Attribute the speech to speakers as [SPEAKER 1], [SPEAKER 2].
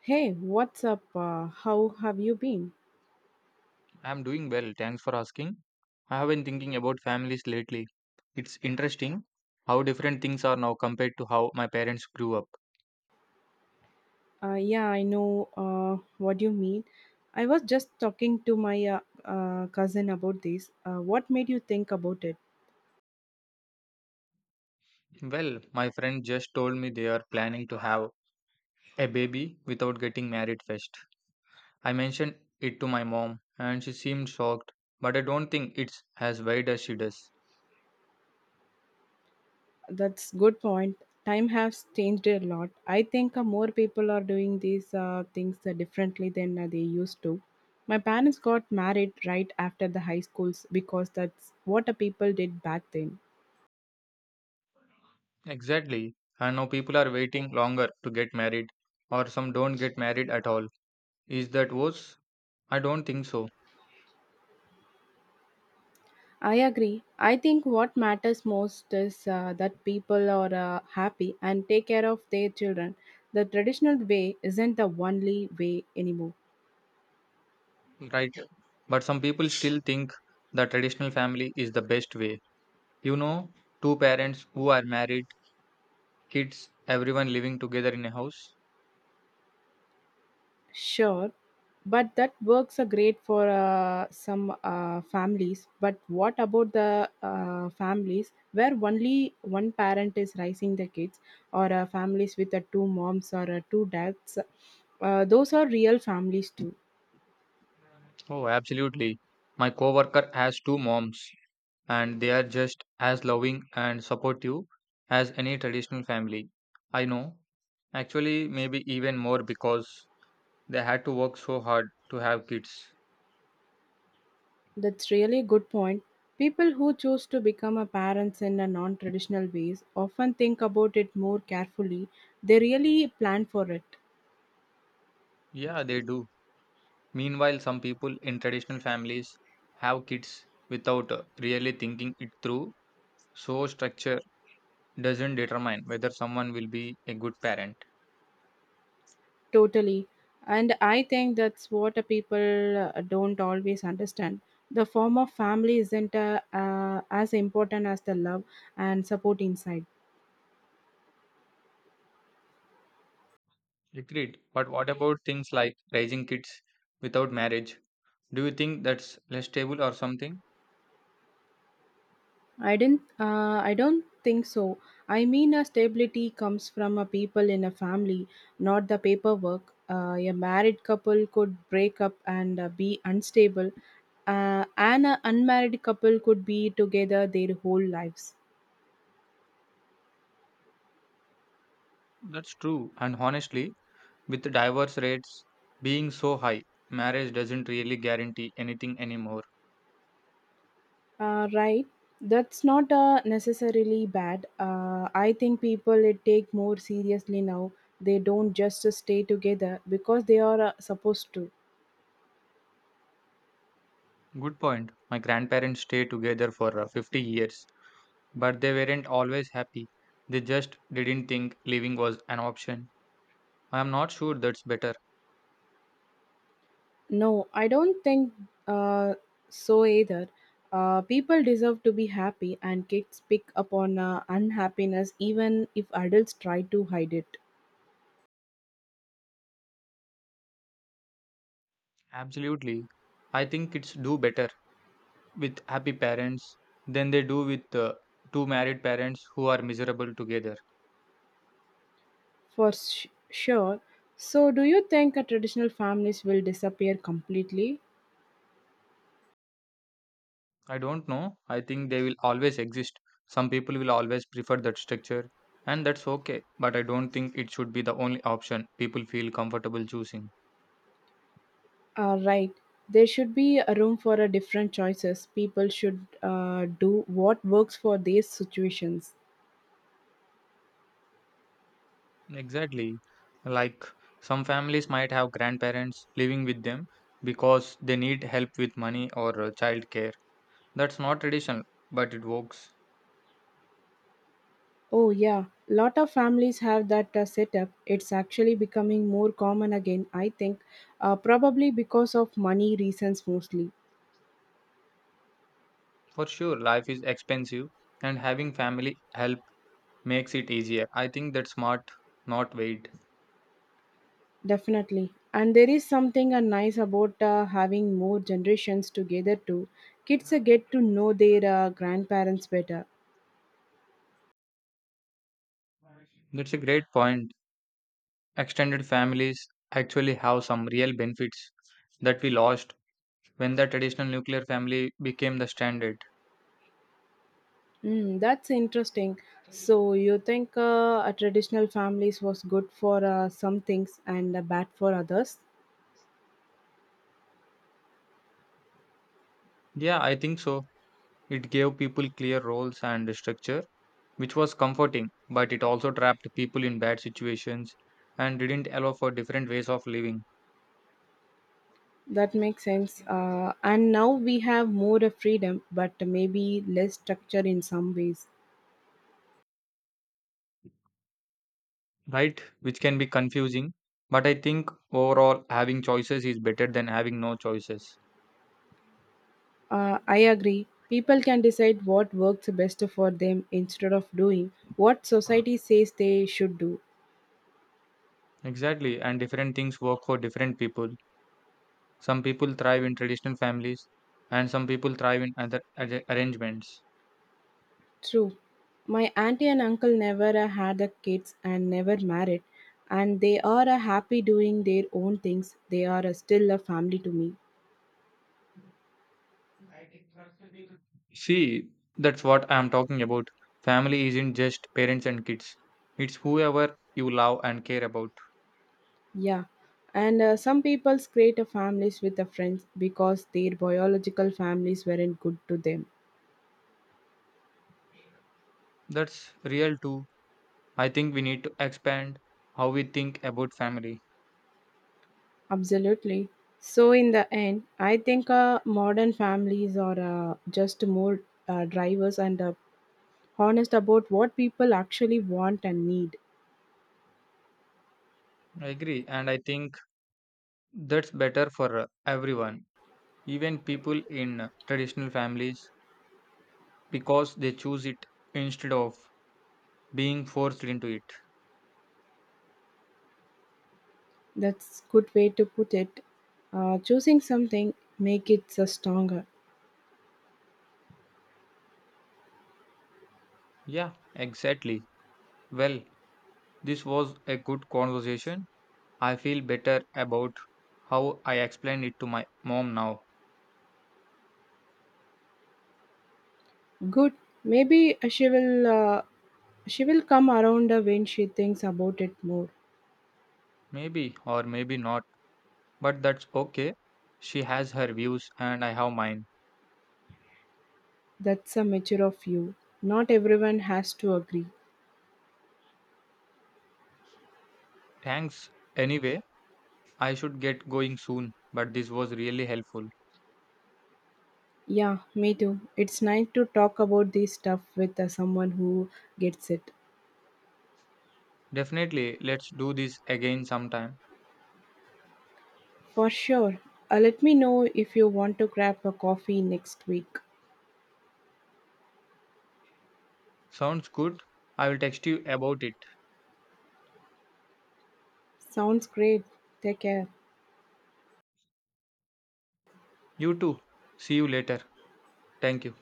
[SPEAKER 1] Hey, what's up? How have you been?
[SPEAKER 2] I'm doing well, thanks for asking. I have been thinking about families lately. It's interesting how different things are now compared to how my parents grew up.
[SPEAKER 1] Yeah, I know what you mean. I was just talking to my cousin about this. What made you think about it?
[SPEAKER 2] Well, my friend just told me they are planning to have a baby without getting married first. I mentioned it to my mom and she seemed shocked, but I don't think it's as wide as she does.
[SPEAKER 1] That's good point. Time has changed a lot. I think more people are doing these things differently than they used to. My parents got married right after the high schools because that's what the people did back then.
[SPEAKER 2] Exactly. I know people are waiting longer to get married, or some don't get married at all. Is that worse? I don't think so.
[SPEAKER 1] I agree. I think what matters most is that people are happy and take care of their children. The traditional way isn't the only way anymore.
[SPEAKER 2] Right? But some people still think the traditional family is the best way. You know, two parents who are married, kids, everyone living together in a house.
[SPEAKER 1] Sure, but that works a great for some families. But what about the families where only one parent is raising the kids, or families with two moms or two dads? Those are real families too.
[SPEAKER 2] Oh, absolutely. My coworker has two moms, and they are just as loving and supportive as any traditional family. I know. Actually, maybe even more because they had to work so hard to have kids.
[SPEAKER 1] That's really good point. People who choose to become a parents in a non-traditional ways often think about it more carefully. They really plan for it
[SPEAKER 2] Yeah, they do. Meanwhile, some people in traditional families have kids without really thinking it through. So, structure doesn't determine whether someone will be a good parent.
[SPEAKER 1] totally, and I think that's what a people don't always understand. The form of family isn't as important as the love and support inside.
[SPEAKER 2] Agreed. But what about things like raising kids without marriage? Do you think that's less stable or something?
[SPEAKER 1] I didn't. I don't think so. I mean, a stability comes from a people in a family, not the paperwork. A married couple could break up and be unstable, and an unmarried couple could be together their whole lives.
[SPEAKER 2] That's true. And honestly, with divorce rates being so high, marriage doesn't really guarantee anything anymore.
[SPEAKER 1] Right. That's not necessarily bad. I think people it take more seriously now. They don't just stay together because they are supposed to.
[SPEAKER 2] Good point. My grandparents stayed together for 50 years, but they weren't always happy. They just didn't think living was an option. I am not sure that's better.
[SPEAKER 1] No, I don't think uh, so either. People deserve to be happy, and kids pick up on unhappiness even if adults try to hide it.
[SPEAKER 2] Absolutely. I think kids do better with happy parents than they do with two married parents who are miserable together.
[SPEAKER 1] For sure. So, do you think traditional families will disappear completely?
[SPEAKER 2] I don't know. I think they will always exist. Some people will always prefer that structure, and that's okay. But I don't think it should be the only option people feel comfortable choosing.
[SPEAKER 1] Right. There should be a room for different choices. People should do what works for these situations.
[SPEAKER 2] Exactly. Like some families might have grandparents living with them because they need help with money or child care. That's not traditional, but it works.
[SPEAKER 1] Oh, yeah. Lot of families have that setup. It's actually becoming more common again, I think, probably because of money reasons mostly.
[SPEAKER 2] For sure, life is expensive and having family help makes it easier. I think that's smart, not weight.
[SPEAKER 1] Definitely. And there is something nice about having more generations together too. Kids get to know their grandparents better.
[SPEAKER 2] That's a great point. Extended families actually have some real benefits that we lost when the traditional nuclear family became the standard.
[SPEAKER 1] Mm, that's interesting. So you think a traditional families was good for some things and bad for others?
[SPEAKER 2] Yeah, I think so. It gave people clear roles and structure, which was comforting, but it also trapped people in bad situations and didn't allow for different ways of living,
[SPEAKER 1] That makes sense. And now we have more of freedom, but maybe less structure in some ways.
[SPEAKER 2] right? Which can be confusing, but I think overall having choices is better than having no choices.
[SPEAKER 1] I agree. People can decide what works best for them instead of doing what society says they should do.
[SPEAKER 2] Exactly, and different things work for different people. Some people thrive in traditional families, and some people thrive in other arrangements.
[SPEAKER 1] True. My auntie and uncle never had the kids and never married, and they are happy doing their own things. They are still a family to me.
[SPEAKER 2] See, that's what I'm talking about. Family isn't just parents and kids, it's whoever you love and care about.
[SPEAKER 1] Yeah. And some people's create a families with the friends because their biological families weren't good to them.
[SPEAKER 2] That's real too. I think we need to expand how we think about family.
[SPEAKER 1] Absolutely. So, in the end, I think modern families are just more drivers and honest about what people actually want and need.
[SPEAKER 2] I agree, and I think that's better for everyone, even people in traditional families, because they choose it instead of being forced into it.
[SPEAKER 1] That's good way to put it. Choosing something make it stronger.
[SPEAKER 2] Yeah, exactly. Well, this was a good conversation. I feel better about how I explained it to my mom now.
[SPEAKER 1] Good. Maybe she will come around when she thinks about it more.
[SPEAKER 2] Maybe or maybe not, but that's okay. She has her views and I have mine.
[SPEAKER 1] That's a mature of you. Not everyone has to agree.
[SPEAKER 2] Thanks. Anyway, I should get going soon, but this was really helpful.
[SPEAKER 1] Yeah, me too. It's nice to talk about this stuff with someone who gets it.
[SPEAKER 2] Definitely, let's do this again sometime.
[SPEAKER 1] For sure. Let me know if you want to grab a coffee next week.
[SPEAKER 2] Sounds good. I will text you about it.
[SPEAKER 1] Sounds great. Take care.
[SPEAKER 2] You too. See you later. Thank you.